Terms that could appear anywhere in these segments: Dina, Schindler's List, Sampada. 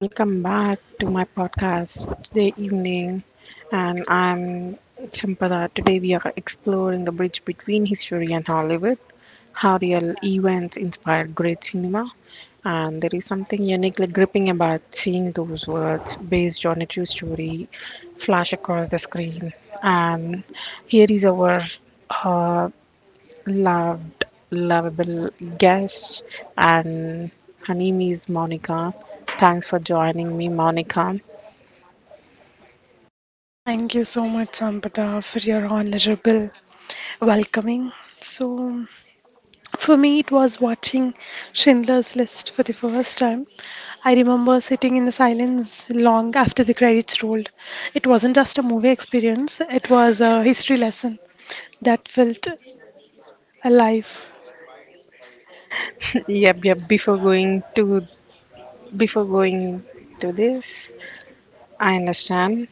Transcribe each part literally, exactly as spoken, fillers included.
welcome back to my podcast today evening. And I'm Champada. Today we are exploring the bridge between history and Hollywood, how real events inspired great cinema. And there is something uniquely gripping about seeing those words based on a true story flash across the screen. And here is our uh, loved, lovable guest, and her name Monica. Thanks for joining me, Monica. Thank you so much, Sampada, for your honorable welcoming. So, for me, it was watching Schindler's List for the first time. I remember sitting in the silence long after the credits rolled. It wasn't just a movie experience, it was a history lesson that felt alive. Yep, yep. Before going to before going to this, I understand.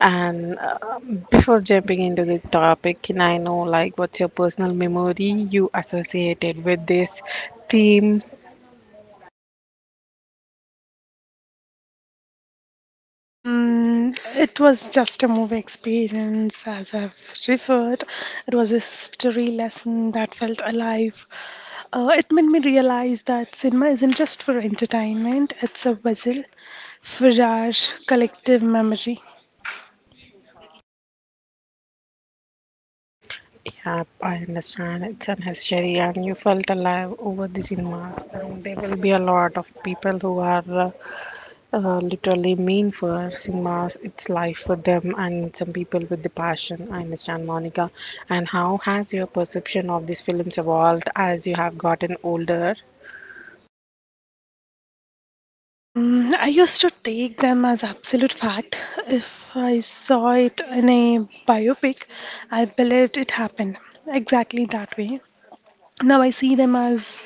And uh, before jumping into the topic, can I know like what's your personal memory you associated with this theme? Mm, it was just a movie experience, as I've referred. It was a history lesson that felt alive. Uh, it made me realize that cinema isn't just for entertainment, it's a vessel for our collective memory. Yeah, I understand it's an history, and you felt alive over the cinemas, and there will be a lot of people who are uh, uh, literally mean for cinemas, its life for them and some people with the passion. I understand, Monica. And how has your perception of these films evolved as you have gotten older? Um, I used to take them as absolute fact. If I saw it in a biopic, I believed it happened exactly that way. Now I see them as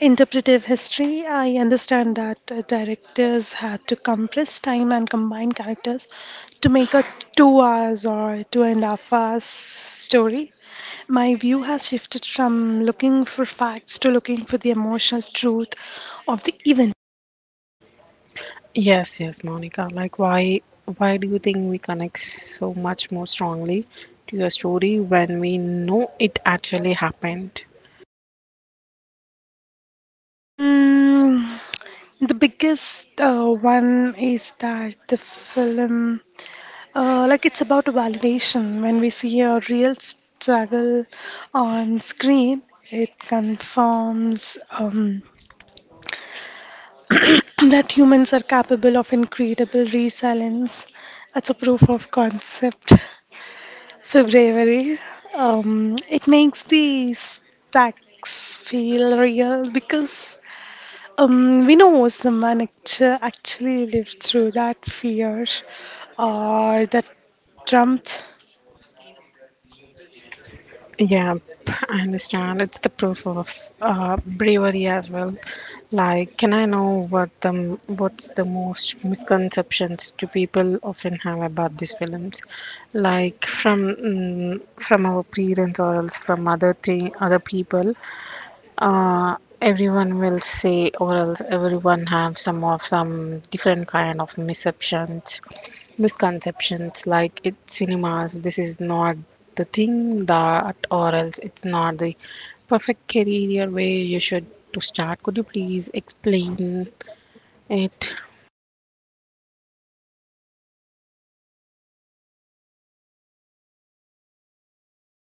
interpretive history. I understand that uh, directors had to compress time and combine characters to make a two hours or two and a half hours story. My view has shifted from looking for facts to looking for the emotional truth of the event. Yes, yes, Monica. Like, why, why do you think we connect so much more strongly to your story when we know it actually happened? Mm, the biggest uh, one is that the film Uh, like it's about validation. When we see a real struggle on screen, it confirms um, that humans are capable of incredible resilience. That's a proof of concept for bravery. Um, it makes the stacks feel real because um, we know someone act- actually lived through that fear or that trump. Yeah, p- I understand. It's the proof of uh, bravery as well. Like, can I know what the m- what's the most misconceptions do people often have about these films? Like from mm, from our parents or else from other thing other people, uh, everyone will say, or else everyone have some of some different kind of misceptions, misconceptions. Like it cinemas, this is not the thing that, or else it's not the perfect career way you should to start. Could you please explain it?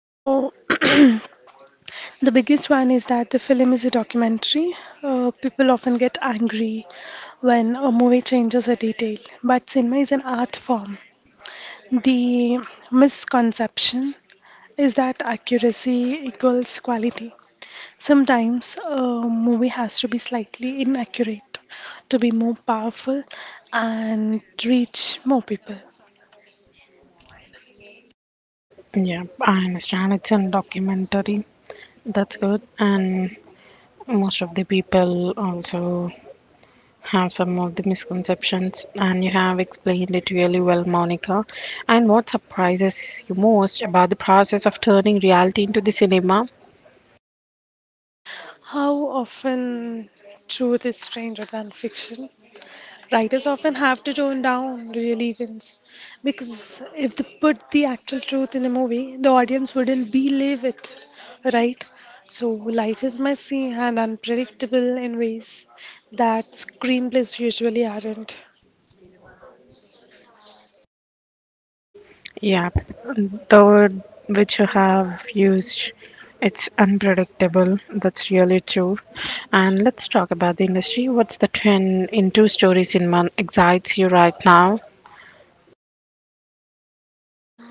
So the biggest one is that the film is a documentary. Uh, people often get angry when a movie changes a detail, but cinema is an art form. The misconception is that accuracy equals quality. Sometimes a movie has to be slightly inaccurate to be more powerful and reach more people. Yeah, I understand. It's a documentary. That's good. And most of the people also have some of the misconceptions and you have explained it really well, Monica. And what surprises you most about the process of turning reality into the cinema? How often truth is stranger than fiction? Writers often have to tone down real events because if they put the actual truth in the movie, the audience wouldn't believe it, right? So life is messy and unpredictable in ways that screenplays usually aren't. Yeah, the word which you have used, it's unpredictable. That's really true. And let's talk about the industry. What's the trend in two story cinema excites you right now?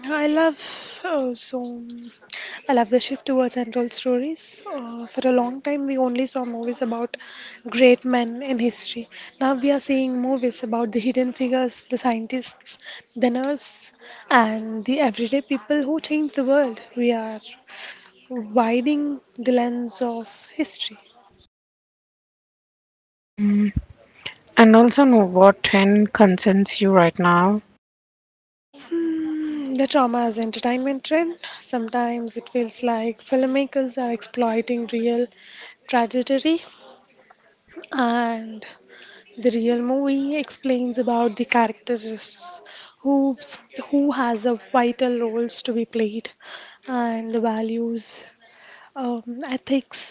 I love uh, so I love the shift towards untold stories. Uh, for a long time, we only saw movies about great men in history. Now we are seeing movies about the hidden figures, the scientists, the nurse, and the everyday people who change the world. We are widening the lens of history. And also know what trend concerns you right now? Hmm, the trauma as entertainment trend. Sometimes it feels like filmmakers are exploiting real tragedy, and the real movie explains about the characters who who has a vital roles to be played, and the values, um, ethics,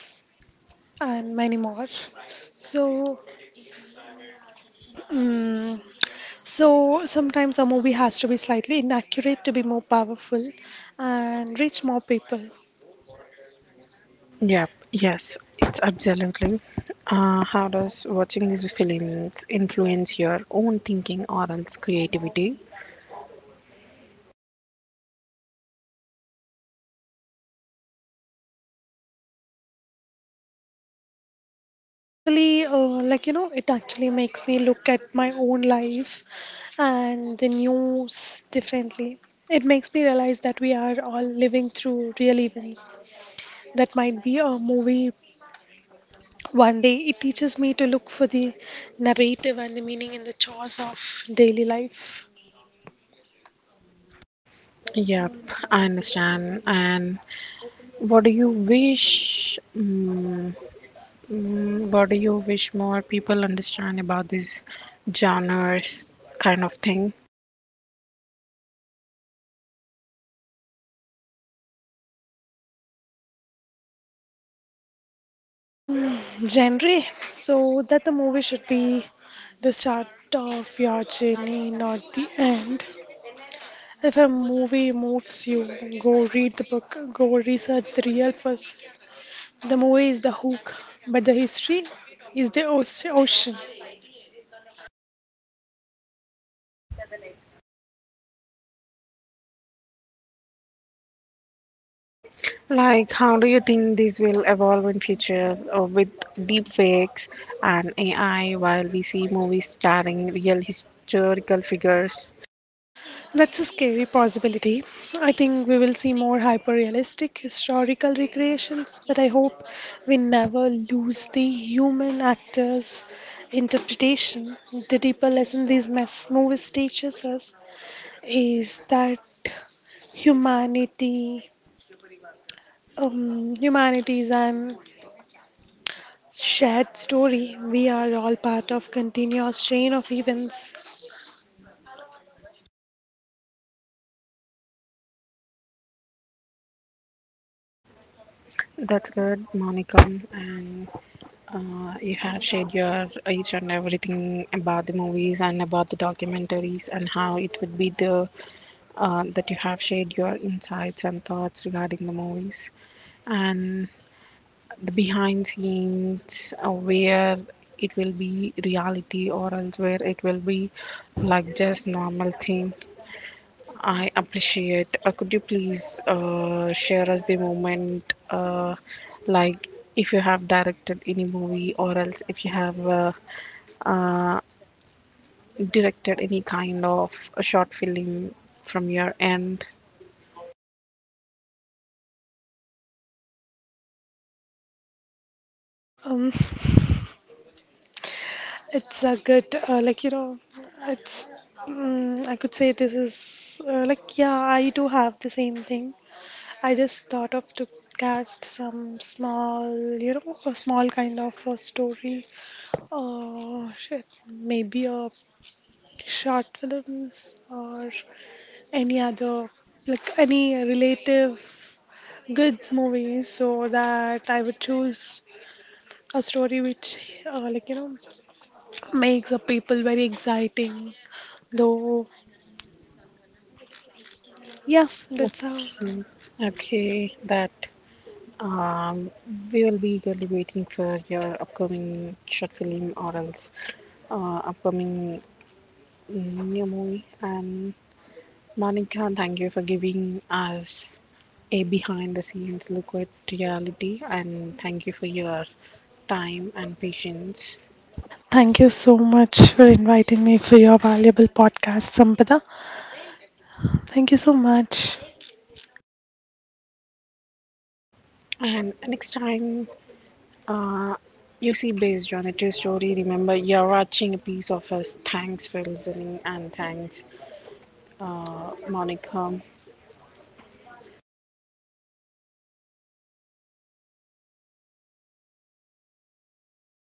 and many more. So, mm so sometimes a movie has to be slightly inaccurate to be more powerful and reach more people. Yep, yes, it's absolutely. Uh, how does watching these films influence your own thinking or else creativity? Actually, uh, like you know it actually makes me look at my own life and the news differently. It makes me realize that we are all living through real events that might be a movie one day. It teaches me to look for the narrative and the meaning in the chores of daily life. Yep, I understand. And what do you wish? Mm mm, what do you wish more people understand about this genres kind of thing? Genre, so that the movie should be the start of your journey, not the end. If a movie moves you, go read the book, go research the real person. The movie is the hook, but the history is the oce- ocean. Like, how do you think this will evolve in future uh, with deep fakes and A I while we see movies starring real historical figures? That's a scary possibility. I think we will see more hyper realistic historical recreations, but I hope we never lose the human actors' interpretation. The deeper lesson these mess movies teaches us is that humanity, um, humanities and shared story. We are all part of continuous chain of events. That's good, Monica. And uh, you have shared your each and everything about the movies and about the documentaries and how it would be the uh, that you have shared your insights and thoughts regarding the movies and the behind scenes uh, where it will be reality or else where it will be like just normal thing, I appreciate. Uh, could you please uh, share us the moment, uh, like if you have directed any movie, or else if you have uh, uh, directed any kind of a short film from your end? Um, it's a good, uh, like you know, it's. Mm, I could say this is uh, like yeah, I do have the same thing. I just thought of to cast some small, you know, a small kind of a story. Oh shit, maybe a short films or any other, like any relative good movies, so that I would choose a story which, uh, like, you know, makes the people very exciting. Though, yeah, that's how. Okay, okay, that um, we will be eagerly waiting for your upcoming short film, or else uh, upcoming mm, new movie and. Monica, thank you for giving us a behind the scenes look at reality, and thank you for your time and patience. Thank you so much for inviting me for your valuable podcast, Sampada. Thank you so much. And next time uh, you see based on a true story, remember you're watching a piece of us. Thanks for listening and thanks, uh, Monica.